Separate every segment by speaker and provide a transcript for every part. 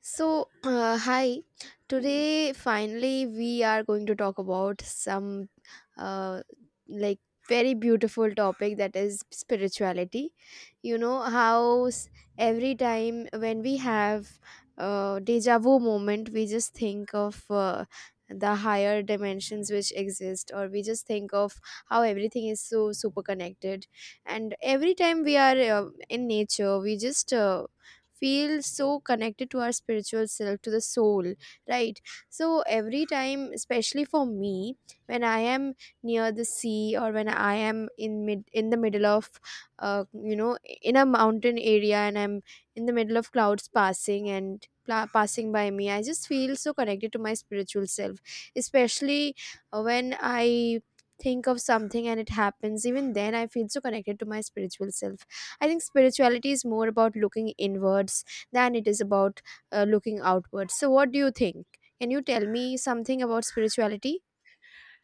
Speaker 1: So, hi. Today, finally, we are going to talk about some uh, like very beautiful topic that is spirituality. You know, every time when we have a deja vu moment, we just think of the higher dimensions which exist, or we just think of how everything is so super connected. And every time we are in nature, we just feel so connected to our spiritual self, to the soul, right? So every time, especially for me, when I am near the sea, or when I am in the middle of uh, you know in a mountain area, and I'm in the middle of clouds passing and passing by me, I just feel so connected to my spiritual self. Especially when I think of something and it happens, even then I feel so connected to my spiritual self. I think spirituality is more about looking inwards than it is about looking outwards. So what do you think? Can you tell me something about spirituality?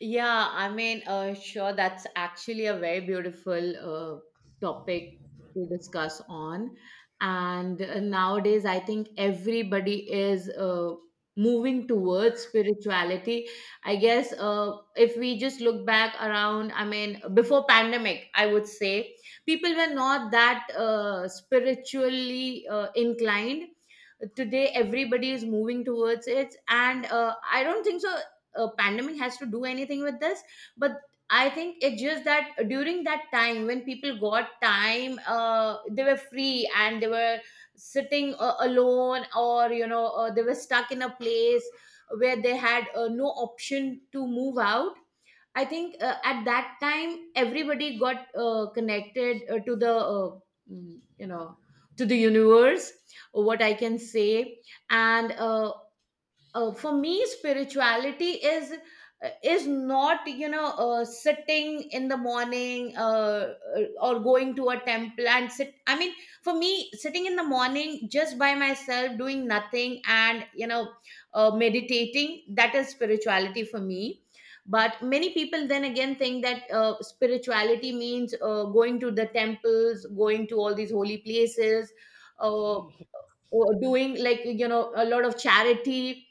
Speaker 2: Yeah, sure, that's actually a very beautiful topic to discuss on. And nowadays, I think everybody is moving towards spirituality. I guess if we just look back around, I mean, before pandemic, I would say people were not that spiritually inclined. Today, everybody is moving towards it, and I don't think so a pandemic has to do anything with this, but I think it's just that during that time when people got time, they were free and they were sitting alone, or you know, they were stuck in a place where they had no option to move out. I think at that time everybody got connected to the mm, you know to the universe, what I can say. And for me spirituality is, is not, you know, sitting in the morning, or going to a temple and sit. I mean, for me sitting in the morning just by myself doing nothing and, you know, meditating, that is spirituality for me. But many people then again think that spirituality means going to the temples, going to all these holy places, uh, or doing like, you know, a lot of charity.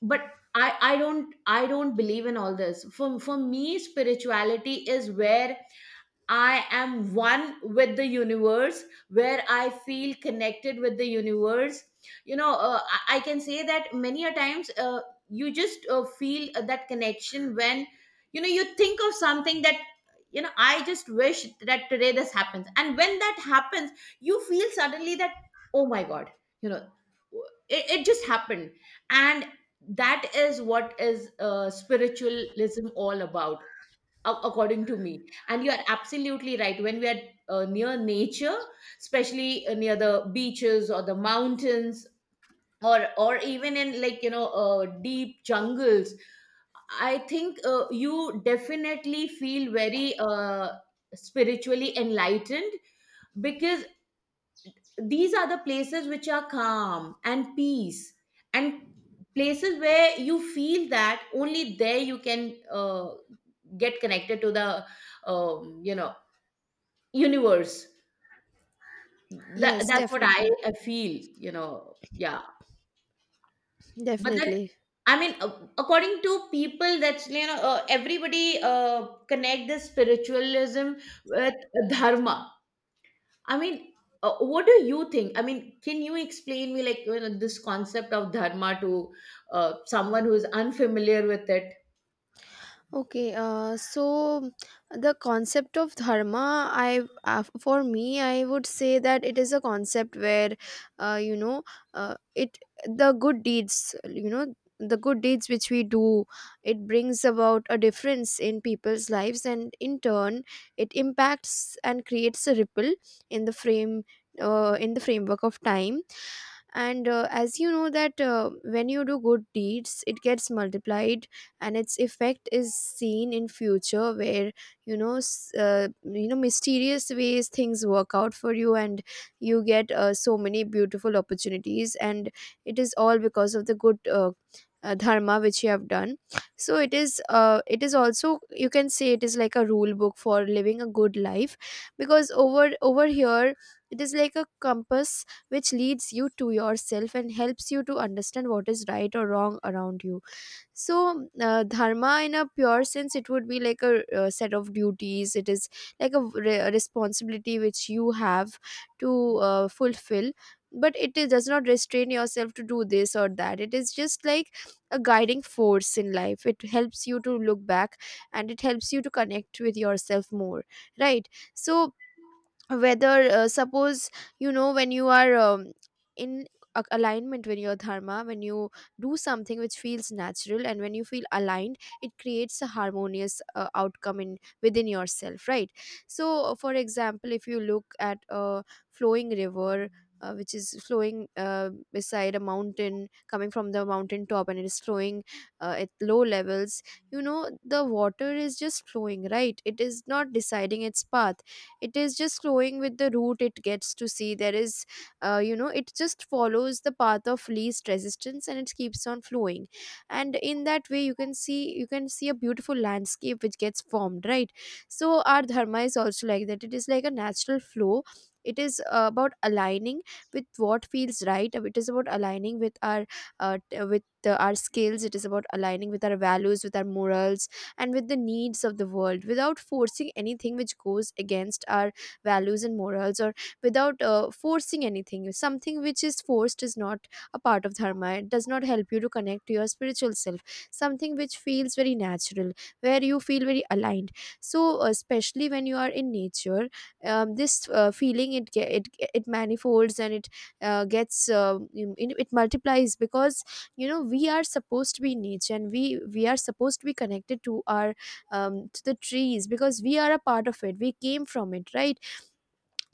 Speaker 2: But I don't, I don't believe in all this. For me spirituality is where I am one with the universe, where I feel connected with the universe. You know, I can say that many a times you just feel that connection when, you know, you think of something, that, you know, I just wish that today this happens. And when that happens, you feel suddenly that, oh my God, you know, it just happened. And that is what is spiritualism all about, according to me. And you are absolutely right, when we are near nature, especially near the beaches or the mountains, or even in, like, you know, deep jungles, I think you definitely feel very spiritually enlightened, because these are the places which are calm and peace, and places where you feel that only there you can get connected to the um, you know universe. That,
Speaker 1: Yes,
Speaker 2: that's what I,
Speaker 1: definitely.
Speaker 2: I feel, you know. Yeah, but then,
Speaker 1: Definitely.
Speaker 2: I mean, according to people, that's, you know, everybody connect this spiritualism with dharma. I mean, what do you think? I mean, can you explain me, like, you know, this concept of dharma to someone who is unfamiliar with it?
Speaker 1: Okay. So the concept of dharma, I for me, I would say that it is a concept where, uh, you know, it the good deeds, you know, the good deeds which we do, it brings about a difference in people's lives, and in turn, it impacts and creates a ripple in the frame, in the framework of time. And as you know, that when you do good deeds, it gets multiplied, and its effect is seen in future, where, you know, you know, mysterious ways things work out for you, and you get so many beautiful opportunities, and it is all because of the good dharma which you have done. So it is, it is also, you can say it is like a rule book for living a good life, because over here, it is like a compass which leads you to yourself and helps you to understand what is right or wrong around you. So dharma, in a pure sense, it would be like a, set of duties. It is like a a responsibility which you have to fulfill. But it is, does not restrain yourself to do this or that. It is just like a guiding force in life. It helps you to look back, and it helps you to connect with yourself more, right? So whether suppose, you know, when you are in alignment when your dharma, when you do something which feels natural, and when you feel aligned, it creates a harmonious outcome in within yourself, right? So for example, if you look at a flowing river, which is flowing beside a mountain, coming from the mountain top, and it is flowing at low levels, you know, the water is just flowing, right? It is not deciding its path. It is just flowing with the route it gets to see. There is, you know, it just follows the path of least resistance, and it keeps on flowing. And in that way, you can see a beautiful landscape which gets formed, right? So our dharma is also like that. It is like a natural flow. It is about aligning with what feels right. It is about aligning with our t- with our skills. It is about aligning with our values, with our morals, and with the needs of the world, without forcing anything which goes against our values and morals, or without forcing anything. Something which is forced is not a part of dharma. It does not help you to connect to your spiritual self. Something which feels very natural, where you feel very aligned. So especially when you are in nature, this feeling, it, it manifolds, and it gets you know, it multiplies, because, you know, we are supposed to be in nature, and we are supposed to be connected to our to the trees, because we are a part of it. We came from it, right?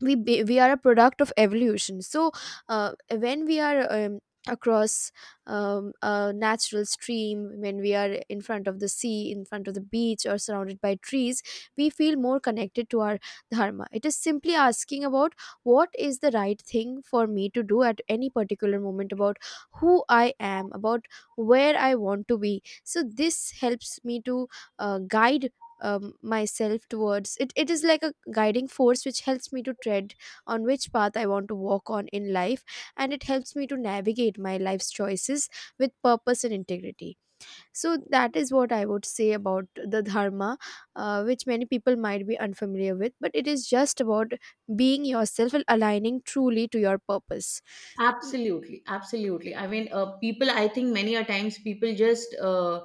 Speaker 1: we are a product of evolution. So when we are across a natural stream, when we are in front of the sea, in front of the beach, or surrounded by trees, we feel more connected to our dharma. It is simply asking about what is the right thing for me to do at any particular moment, about who I am, about where I want to be. So this helps me to guide myself towards it. It is like a guiding force which helps me to tread on which path I want to walk on in life, and it helps me to navigate my life's choices with purpose and integrity. So that is what I would say about the dharma, which many people might be unfamiliar with, but it is just about being yourself and aligning truly to your purpose.
Speaker 2: Absolutely, absolutely. I mean, people, I think many a times people just,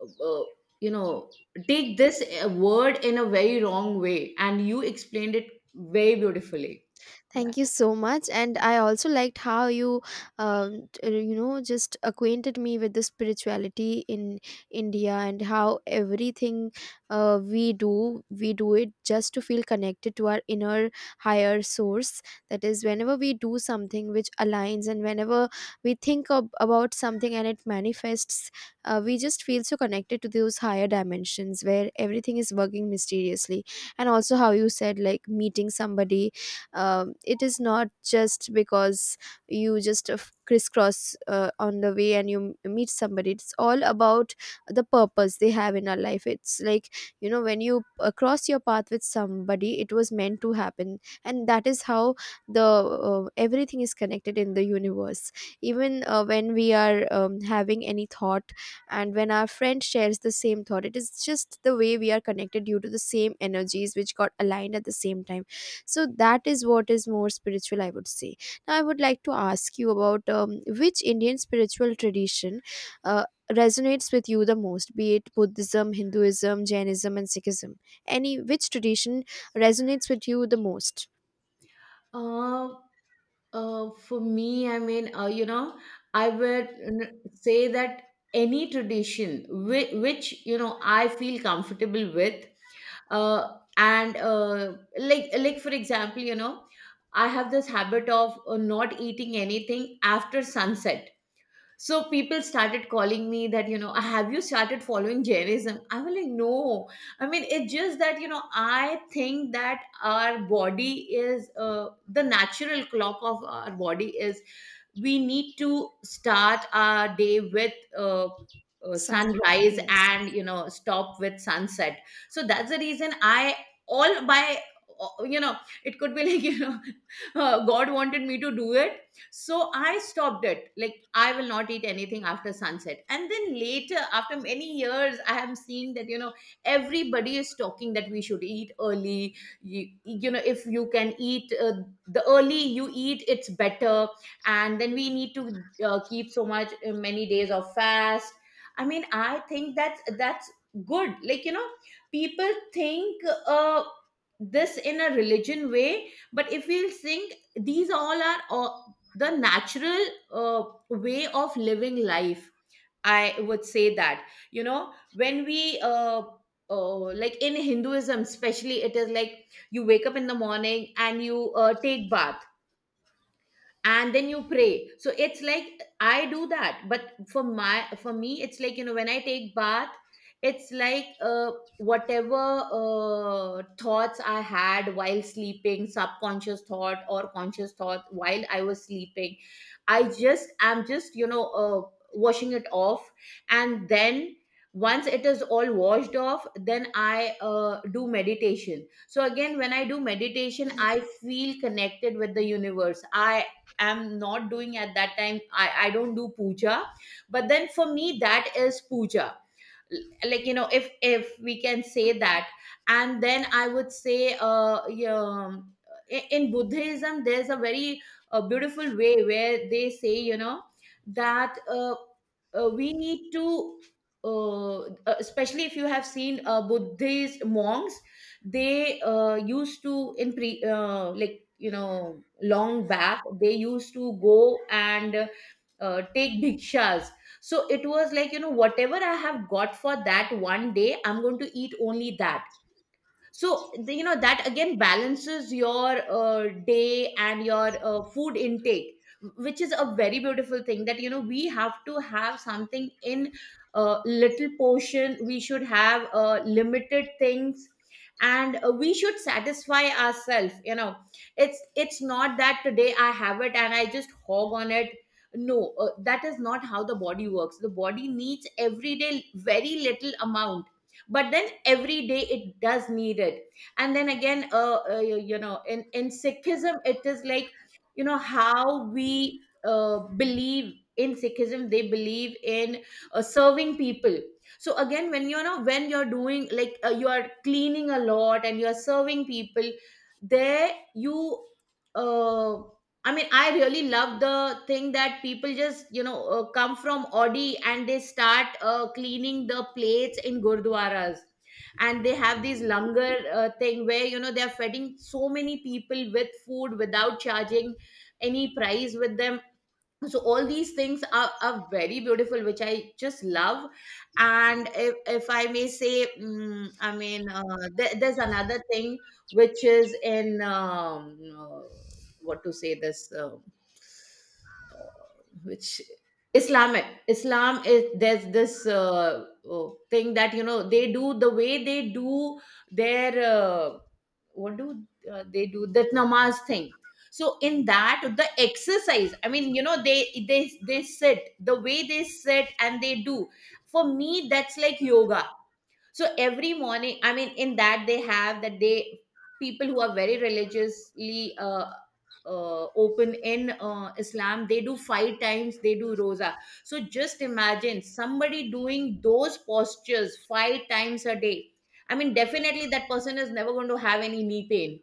Speaker 2: uh, you know, take this word in a very wrong way, and you explained it very beautifully. Yeah.
Speaker 1: Thank you so much. And I also liked how you, you know, just acquainted me with the spirituality in India, and how everything we do it just to feel connected to our inner higher source. That is, whenever we do something which aligns, and whenever we think about something and it manifests, we just feel so connected to those higher dimensions where everything is working mysteriously. And also, how you said, like, meeting somebody, it is not just because you just crisscross on the way and you meet somebody. It's all about the purpose they have in our life. It's like, you know, when you cross your path with somebody, it was meant to happen, and that is how the everything is connected in the universe. Even when we are having any thought, and when our friend shares the same thought, it is just the way we are connected, due to the same energies which got aligned at the same time. So that is what is more spiritual, I would say. Now I would like to ask you about which Indian spiritual tradition uh, resonates with you the most. Be it Buddhism, Hinduism, Jainism, and Sikhism, any which tradition resonates with you the most?
Speaker 2: Uh, for me, I mean, you know, I would say that any tradition which, you know, I feel comfortable with, and like for example, you know, I have this habit of not eating anything after sunset. So people started calling me that, you know, have you started following Jainism? I was like, no. I mean, it's just that, you know, I think that our body is, the natural clock of our body is, we need to start our day with
Speaker 1: Sun,
Speaker 2: sunrise
Speaker 1: yes.
Speaker 2: and, you know, stop with sunset. So that's the reason, I, all by you know, it could be like, you know, God wanted me to do it. So I stopped it, like I will not eat anything after sunset. And then later, after many years, I am seeing that, you know, everybody is talking that we should eat early. You know, if you can eat, the early you eat, it's better. And then we need to keep so much, many days of fast. I mean, I think that's good, like, you know. People think this in a religion way, but if we'll think, these all are the natural uh, way of living life. I would say that, you know, when we like in Hinduism especially, it is like, you wake up in the morning and you take bath, and then you pray. So it's like, I do that, but for my, for me it's like, you know, when I take bath, it's like, whatever thoughts I had while sleeping, subconscious thought or conscious thought while I was sleeping, I just am, just, you know, washing it off. And then, once it is all washed off, then I do meditation. So again, when I do meditation, I feel connected with the universe. I am not doing at that time, I don't do puja, but then for me, that is puja, like, you know, if we can say that. And then I would say, yeah, in Buddhism, there's a very beautiful way where they say, you know, that we need to uh, especially if you have seen Buddhist monks, they used to, in pre, like, you know, long back, they used to go and take bhikshas. So it was like, you know, whatever I have got for that one day, I'm going to eat only that. So the- you know, that again balances your day and your food intake, which is a very beautiful thing, that, you know, we have to have something in little portion, we should have limited things. And we should satisfy ourselves, you know. It's not that today I have it and I just hog on it. No, that is not how the body works. The body needs every day very little amount, but then every day it does need it. And then again, you, you know, in Sikhism, it is like, you know, how we believe in Sikhism, they believe in serving people. So again, when, you know, when you're doing, like, you are cleaning a lot and you're serving people, there you uh, I mean, I really love the thing that people just, you know, come from Audi and they start cleaning the plates in gurdwaras. And they have this langar thing where, you know, they're feeding so many people with food without charging any price with them. So all these things are very beautiful, which I just love. And if I may say, I mean, there, there's another thing which is in what to say this uh, which Islamic, Islam is, there's this thing that, you know, they do, the way they do their what do they do that namaz thing. So in that, the exercise, I mean, you know, they sit the way they sit and they do, for me that's like yoga. So every morning, I mean, in that they have that, they, people who are very religiously open in Islam, they do five times, they do rosa. So just imagine somebody doing those postures five times a day. I mean, definitely that person is never going to have any knee pain.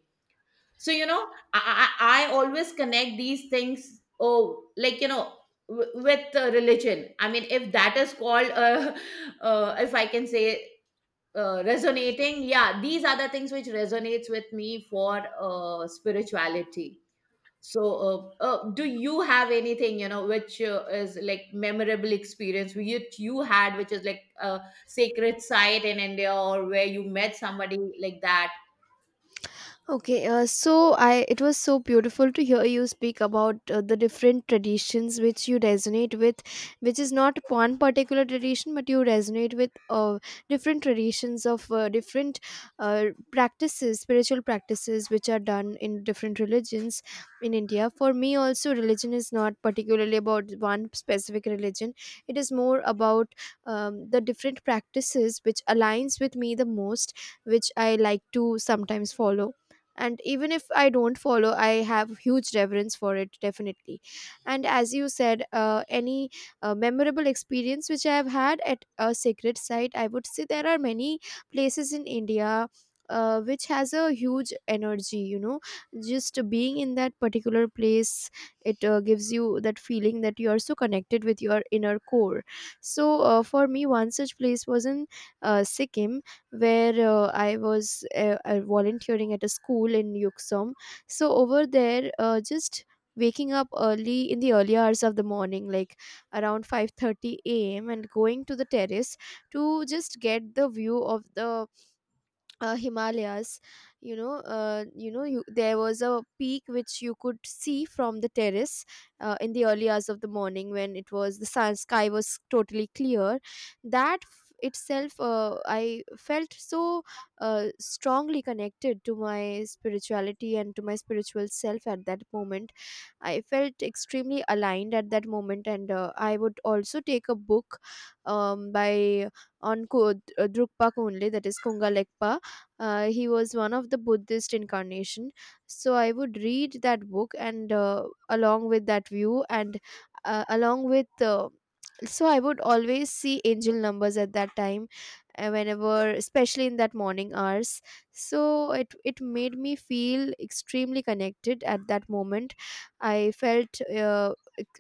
Speaker 2: So, you know, i i, I always connect these things, oh, like, you know, with religion, I mean, if that is called if I can say, resonating. Yeah, these are the things which resonates with me for spirituality. So do you have anything, you know, which is like memorable experience which you had, which is like a sacred site in India, or where you met somebody like that?
Speaker 1: Okay, so I, it was so beautiful to hear you speak about the different traditions which you resonate with, which is not one particular tradition, but you resonate with different traditions of different uh, practices, spiritual practices which are done in different religions in India. For me, also, religion is not particularly about one specific religion. It is more about the different practices which aligns with me the most, which I like to sometimes follow, and even if I don't follow, I have huge reverence for it, definitely. And as you said, any memorable experience which I have had at a sacred site, I would say there are many places in India which has a huge energy, you know, just being in that particular place, it gives you that feeling that you are so connected with your inner core. So for me, one such place was in Sikkim, where I was volunteering at a school in Yuksum. So over there, just waking up early in the early hours of the morning, like around 5:30 a.m., and going to the terrace to just get the view of the Himalayas, you know, there was a peak which you could see from the terrace in the early hours of the morning, when it was the sun sky was totally clear. I felt so strongly connected to my spirituality and to my spiritual self. At that moment, I felt extremely aligned. At that moment, and I would also take a book, um, by Drukpa Kunle, that is Kunga Legpa. He was one of the Buddhist incarnation. So I would read that book, and along with that view, and along with. So I would always see angel numbers at that time, whenever, especially in that morning hours. So it made me feel extremely connected at that moment. I felt uh,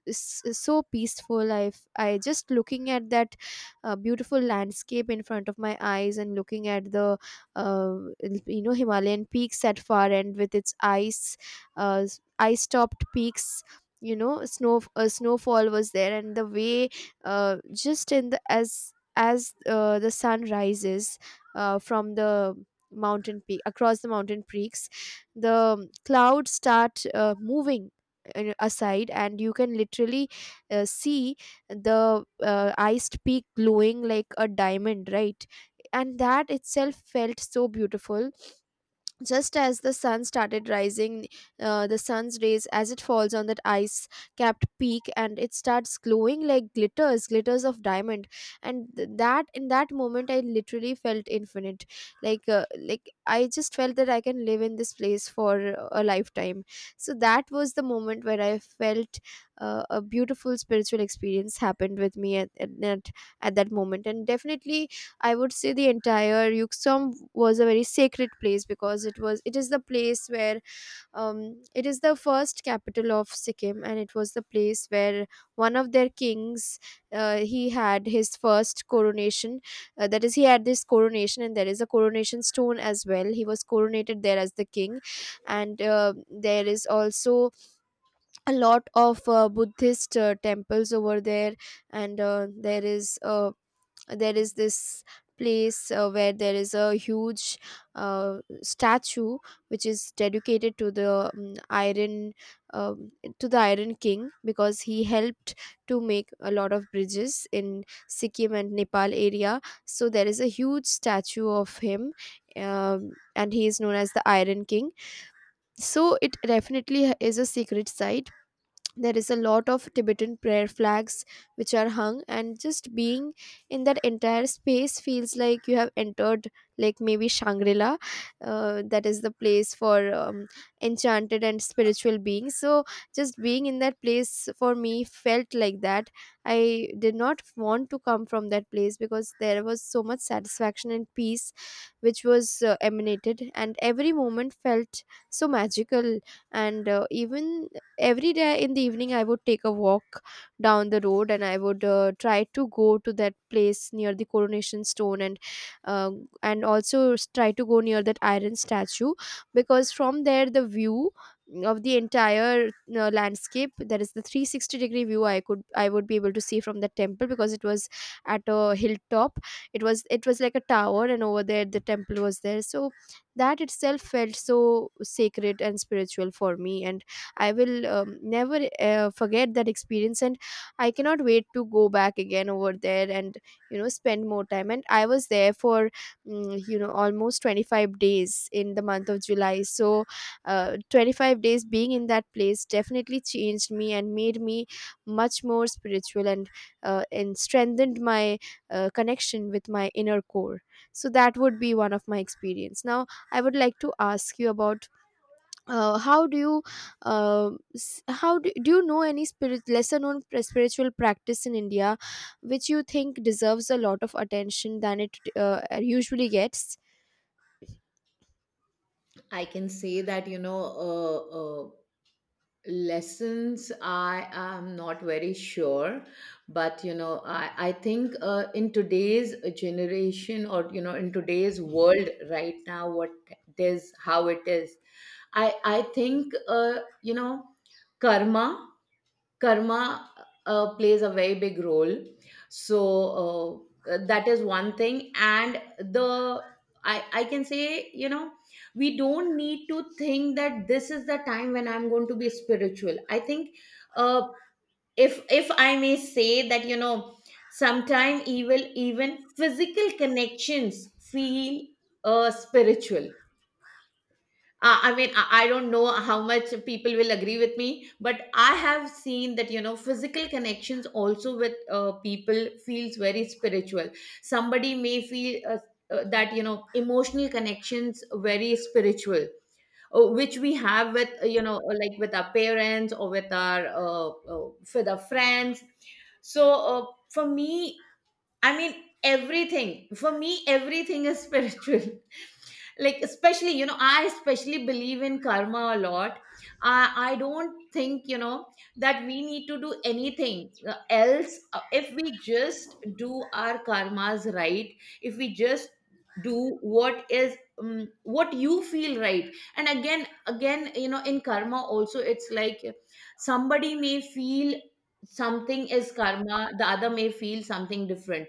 Speaker 1: s- so peaceful. I just looking at that beautiful landscape in front of my eyes, and looking at the uh, you know, Himalayan peaks at far end with its ice uh, ice topped peaks. You know, snow snowfall was there, and the way just in the as the sun rises from the mountain peak across the mountain peaks the clouds start moving aside, and you can literally see the iced peak glowing like a diamond, right? And that itself felt so beautiful. Just as the sun started rising, the sun's rays, as it falls on that ice capped peak, and it starts glowing like glitters, glitters of diamond. And that in that moment, I literally felt infinite. Like I just felt that I can live in this place for a lifetime. So that was the moment where I felt a beautiful spiritual experience happened with me at that moment. And definitely, I would say the entire Yuksum was a very sacred place because it is the place where it is the first capital of Sikkim, and it was the place where one of their kings he had his first coronation. That is, he had this coronation, and there is a coronation stone as well. He was coronated there as the king, and there is also a lot of Buddhist temples over there. And there is this place where there is a huge statue which is dedicated to the iron, um, to the iron king, because he helped to make a lot of bridges in Sikkim and Nepal area. So there is a huge statue of him, and he is known as the iron king. So it definitely is a secret site. There is a lot of Tibetan prayer flags which are hung, and just being in that entire space feels like you have entered like maybe Shangri-La. That is the place for enchanted and spiritual beings. So just being in that place for me felt like that. I did not want to come from that place because there was so much satisfaction and peace which was emanated, and every moment felt so magical. And even every day in the evening, I would take a walk down the road, and I would try to go to that place near the coronation stone, uh, and also try to go near that iron statue, because from there the view of the entire landscape, that is the 360 degree view, I would be able to see from the temple, because it was at a hilltop. It was like a tower, and over there the temple was there. So that itself felt so sacred and spiritual for me. And I will never forget that experience, and I cannot wait to go back again over there and spend more time. And I was there for almost 25 days in the month of July. So 25 days being in that place definitely changed me and made me much more spiritual and strengthened my connection with my inner core. So that would be one of my experience. Now I would like to ask you about how do you how do you know any spirit lesser known spiritual practice in India which you think deserves a lot of attention than it usually gets?
Speaker 2: I can say that, you know, lessons I am not very sure. But you know, I think in today's generation, or you know, in today's world right now, what it is, how it is, I think you know, karma karma plays a very big role. So that is one thing. And the, I can say, you know, we don't need to think that this is the time when I'm going to be spiritual. I think uh, if I may say that, you know, sometime evil even physical connections feel spiritual. I mean, I don't know how much people will agree with me, but I have seen that, you know, physical connections also with people feels very spiritual. Somebody may feel that, you know, emotional connections very spiritual, which we have with, you know, like with our parents, or with our friends. So for me, I mean, everything, for me, everything is spiritual, like especially you know I especially believe in karma a lot. I don't think, you know, that we need to do anything else. If we just do our karmas right, if we just do what is what you feel right. And again, you know, in karma also, it's like somebody may feel something is karma, the other may feel something different.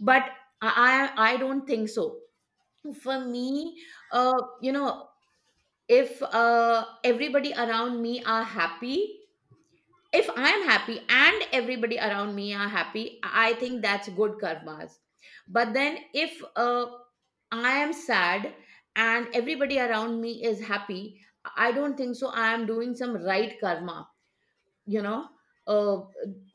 Speaker 2: But I don't think so. For me, uh, you know, if everybody around me are happy, if I am happy and everybody around me are happy, I think that's good karmas. But then if I am sad and everybody around me is happy, I don't think so. I am doing some right karma, you know. Uh,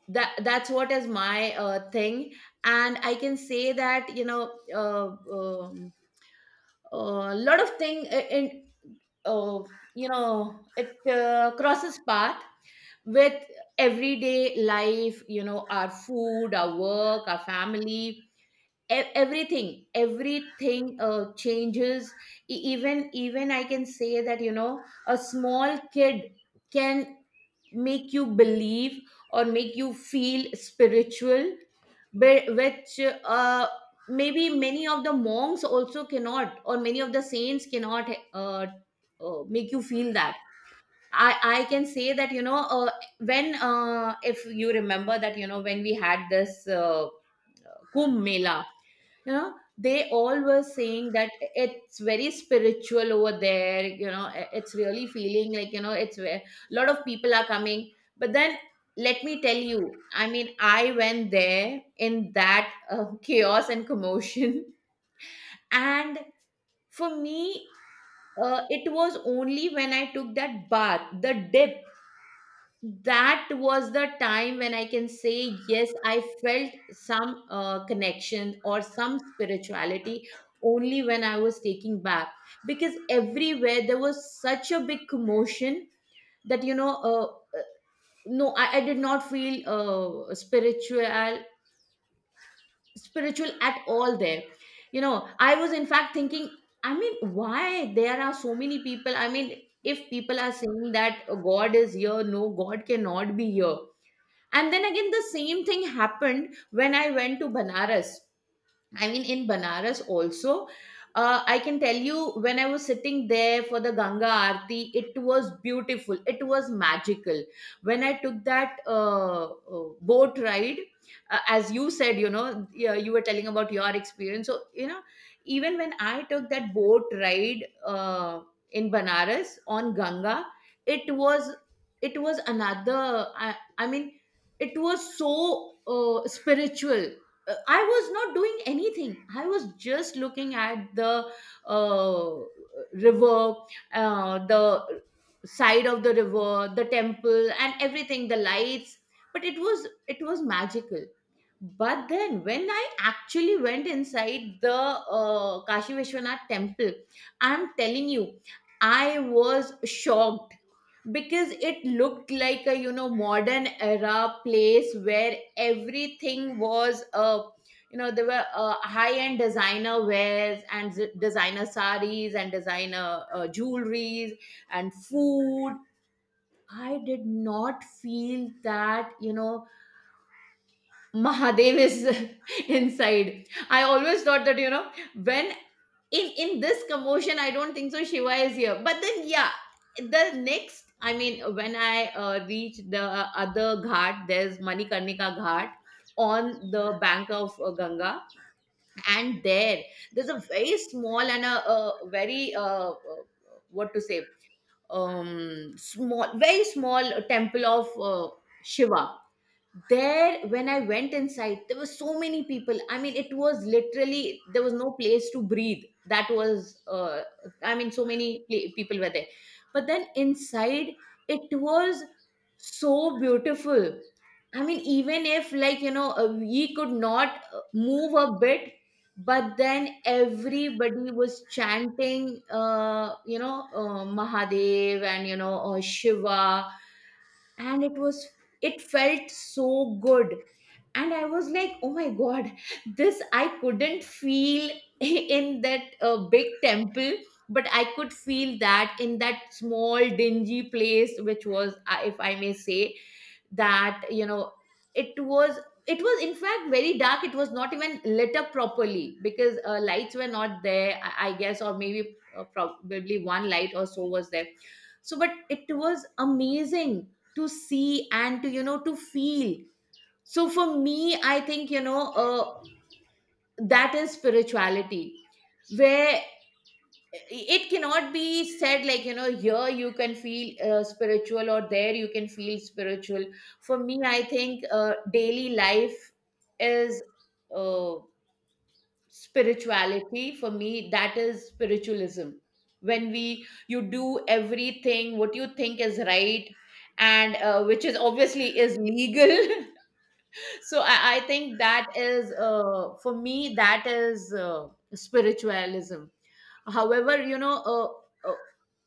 Speaker 2: that's what is my thing, and I can say that, you know. A lot of thing in uh, you know it crosses path with everyday life, you know, our food, our work, our family. Everything changes. Even I can say that, you know, a small kid can make you believe or make you feel spiritual, which uh, maybe many of the monks also cannot, or many of the saints cannot uh, make you feel that. I can say that, you know, when if you remember that, you know, when we had this Kumbh Mela, you know, they all were saying that it's very spiritual over there, you know, it's really feeling like, you know, it's where a lot of people are coming. But then let me tell you, I mean, I went there in that chaos and commotion and for me, it was only when I took that bath, the dip, that was the time when I can say, yes, I felt some connection or some spirituality, only when I was taking bath. Because everywhere there was such a big commotion that, you know, no, I did not feel spiritual at all there. You know, I was in fact thinking, I mean, why there are so many people? I mean, if people are saying that God is here, no, God cannot be here. And then again, the same thing happened when I went to Banaras. I mean, in Banaras also, I can tell you, when I was sitting there for the Ganga Aarti, it was beautiful. It was magical. When I took that boat ride, as you said, you know, yeah, you were telling about your experience. So, you know, even when I took that boat ride in Banaras on Ganga, it was, it was another. I mean, it was so spiritual. I was not doing anything. I was just looking at the uh, river, the side of the river, the temple, and everything, the lights. But it was magical. But then, when I actually went inside the Kashi Vishwanath temple, I'm telling you, I was shocked, because it looked like a, you know, modern era place where everything was you know, there were high end designer wares and designer saris and designer jewelries and food. I did not feel that, you know, Mahadev is inside. I always thought that, you know, when, in this commotion, I don't think so Shiva is here. But then yeah, the next, I mean, when I reach the other ghat, there's Manikarnika Ghat on the bank of Ganga, and there, there's a very small and a very what to say, small, very small temple of Shiva. There when I went inside, there were so many people, I mean, it was literally, there was no place to breathe. That was I mean, so many people were there. But then inside it was so beautiful. I mean, even if, like, you know, we could not move a bit, but then everybody was chanting, you know, Mahadev, and, you know, Shiva, and it was, it felt so good. And I was like, oh my god, this I couldn't feel in that big temple, but I could feel that in that small dingy place, which was, if I may say, that you know, it was, it was in fact very dark. It was not even lit up properly, because lights were not there, I guess, or maybe probably one light or so was there. So but it was amazing to see and, to, you know, to feel. So for me, I think, you know, that is spirituality, where it cannot be said, like, you know, here you can feel spiritual or there you can feel spiritual. For me I think daily life is uh, spirituality. For me that is spiritualism, when we, you do everything what you think is right, and which is obviously is legal so I think that is for me that is spiritualism, however, you know,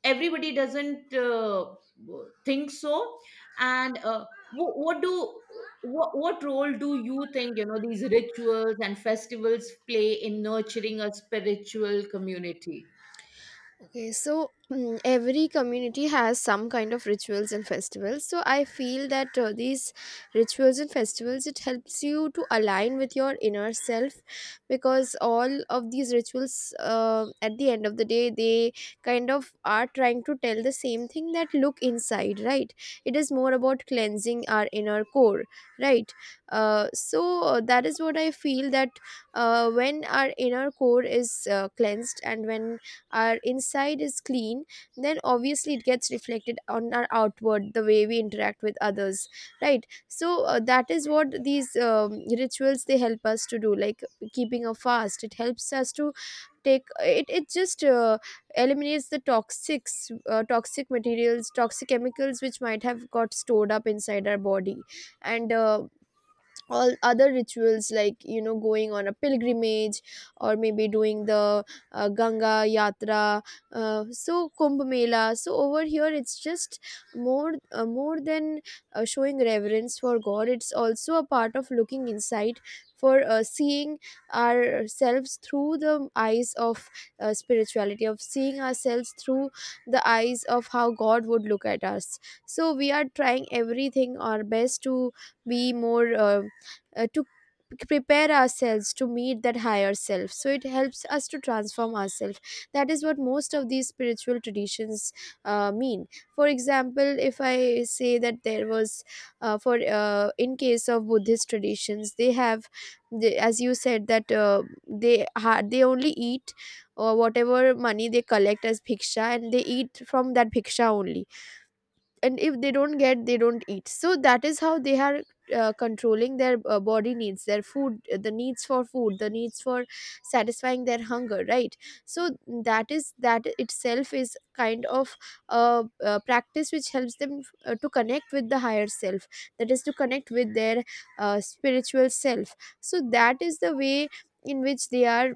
Speaker 2: everybody doesn't think so. And what role do you think, you know, these rituals and festivals play in nurturing a spiritual community?
Speaker 1: Okay, so every community has some kind of rituals and festivals. So I feel that these rituals and festivals, it helps you to align with your inner self, because all of these rituals at the end of the day, they kind of are trying to tell the same thing, that look inside, right? It is more about cleansing our inner core, right? So that is what I feel, that when our inner core is cleansed and when our inside is clean, then obviously it gets reflected on our outward, the way we interact with others, right? So that is what these rituals, they help us to do. Like keeping a fast, it helps us to take it it just eliminates the toxic materials, toxic chemicals, which might have got stored up inside our body. And all other rituals, like you know, going on a pilgrimage, or maybe doing the Ganga Yatra, so Kumbh Mela. So over here, it's just more than showing reverence for God, it's also a part of looking inside, for seeing ourselves through the eyes of spirituality, of seeing ourselves through the eyes of how God would look at us. So we are trying everything our best to be more to prepare ourselves to meet that higher self. So it helps us to transform ourselves. That is what most of these spiritual traditions mean. For example, if I say that there was, for in case of Buddhist traditions, they have, they, as you said, that they only eat or whatever money they collect as bhiksha, and they eat from that bhiksha only. And if they don't get, they don't eat. So that is how they are controlling their body needs, their food, the needs for food, the needs for satisfying their hunger, right? So that is that itself is kind of a practice which helps them to connect with the higher self, that is to connect with their spiritual self. So that is the way in which they are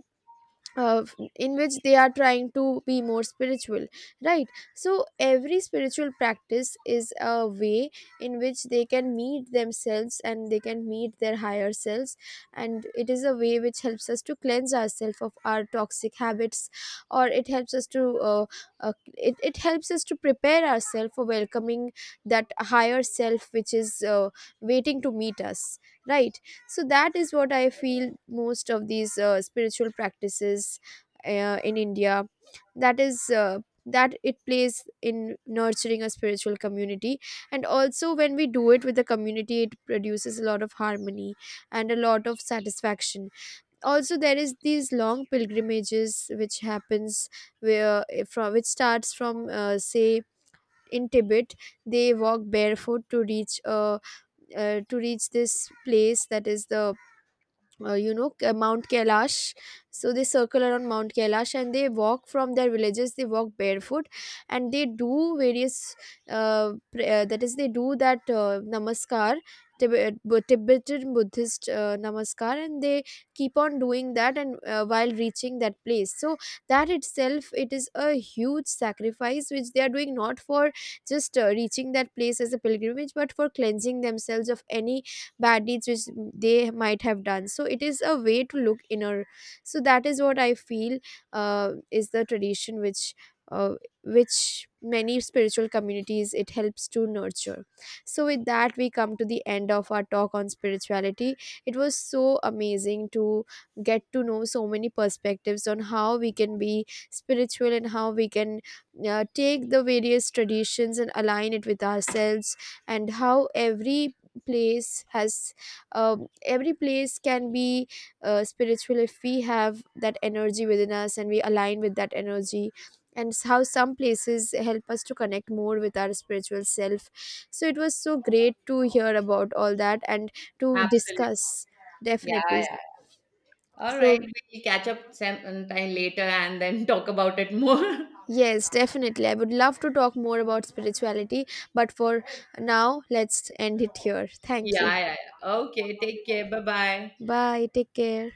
Speaker 1: uh, in which they are trying to be more spiritual, right? So every spiritual practice is a way in which they can meet themselves and they can meet their higher selves, and it is a way which helps us to cleanse ourselves of our toxic habits. Or it helps us to it helps us to prepare ourselves for welcoming that higher self, which is waiting to meet us, right? So that is what I feel most of these spiritual practices in India, that is uh, that it plays in nurturing a spiritual community. And also, when we do it with the community, it produces a lot of harmony and a lot of satisfaction. Also, there is these long pilgrimages which happens, where from which starts from say in Tibet, they walk barefoot to reach this place, that is the Mount Kailash. So they circle around Mount Kailash, and they walk from their villages, they walk barefoot, and they do various that is, they do that namaskar, Tibetan Buddhist namaskar, and they keep on doing that, and while reaching that place. So that itself, it is a huge sacrifice which they are doing, not for just reaching that place as a pilgrimage, but for cleansing themselves of any bad deeds which they might have done. So it is a way to look inner. So that is what I feel is the tradition uh, which many spiritual communities, it helps to nurture. So with that, we come to the end of our talk on spirituality. It was so amazing to get to know so many perspectives on how we can be spiritual, and how we can take the various traditions and align it with ourselves, and how every place has every place can be spiritual if we have that energy within us and we align with that energy, and how some places help us to connect more with our spiritual self. So it was so great to hear about all that and to
Speaker 2: Absolutely.
Speaker 1: discuss.
Speaker 2: Yeah,
Speaker 1: Definitely.
Speaker 2: yeah. All right,
Speaker 1: So
Speaker 2: we'll catch up sometime later and then talk about it more
Speaker 1: yes, definitely, I would love to talk more about spirituality, but for now, let's end it here. Thank you.
Speaker 2: yeah, yeah, yeah. Okay, take care, bye bye.
Speaker 1: Bye, take care.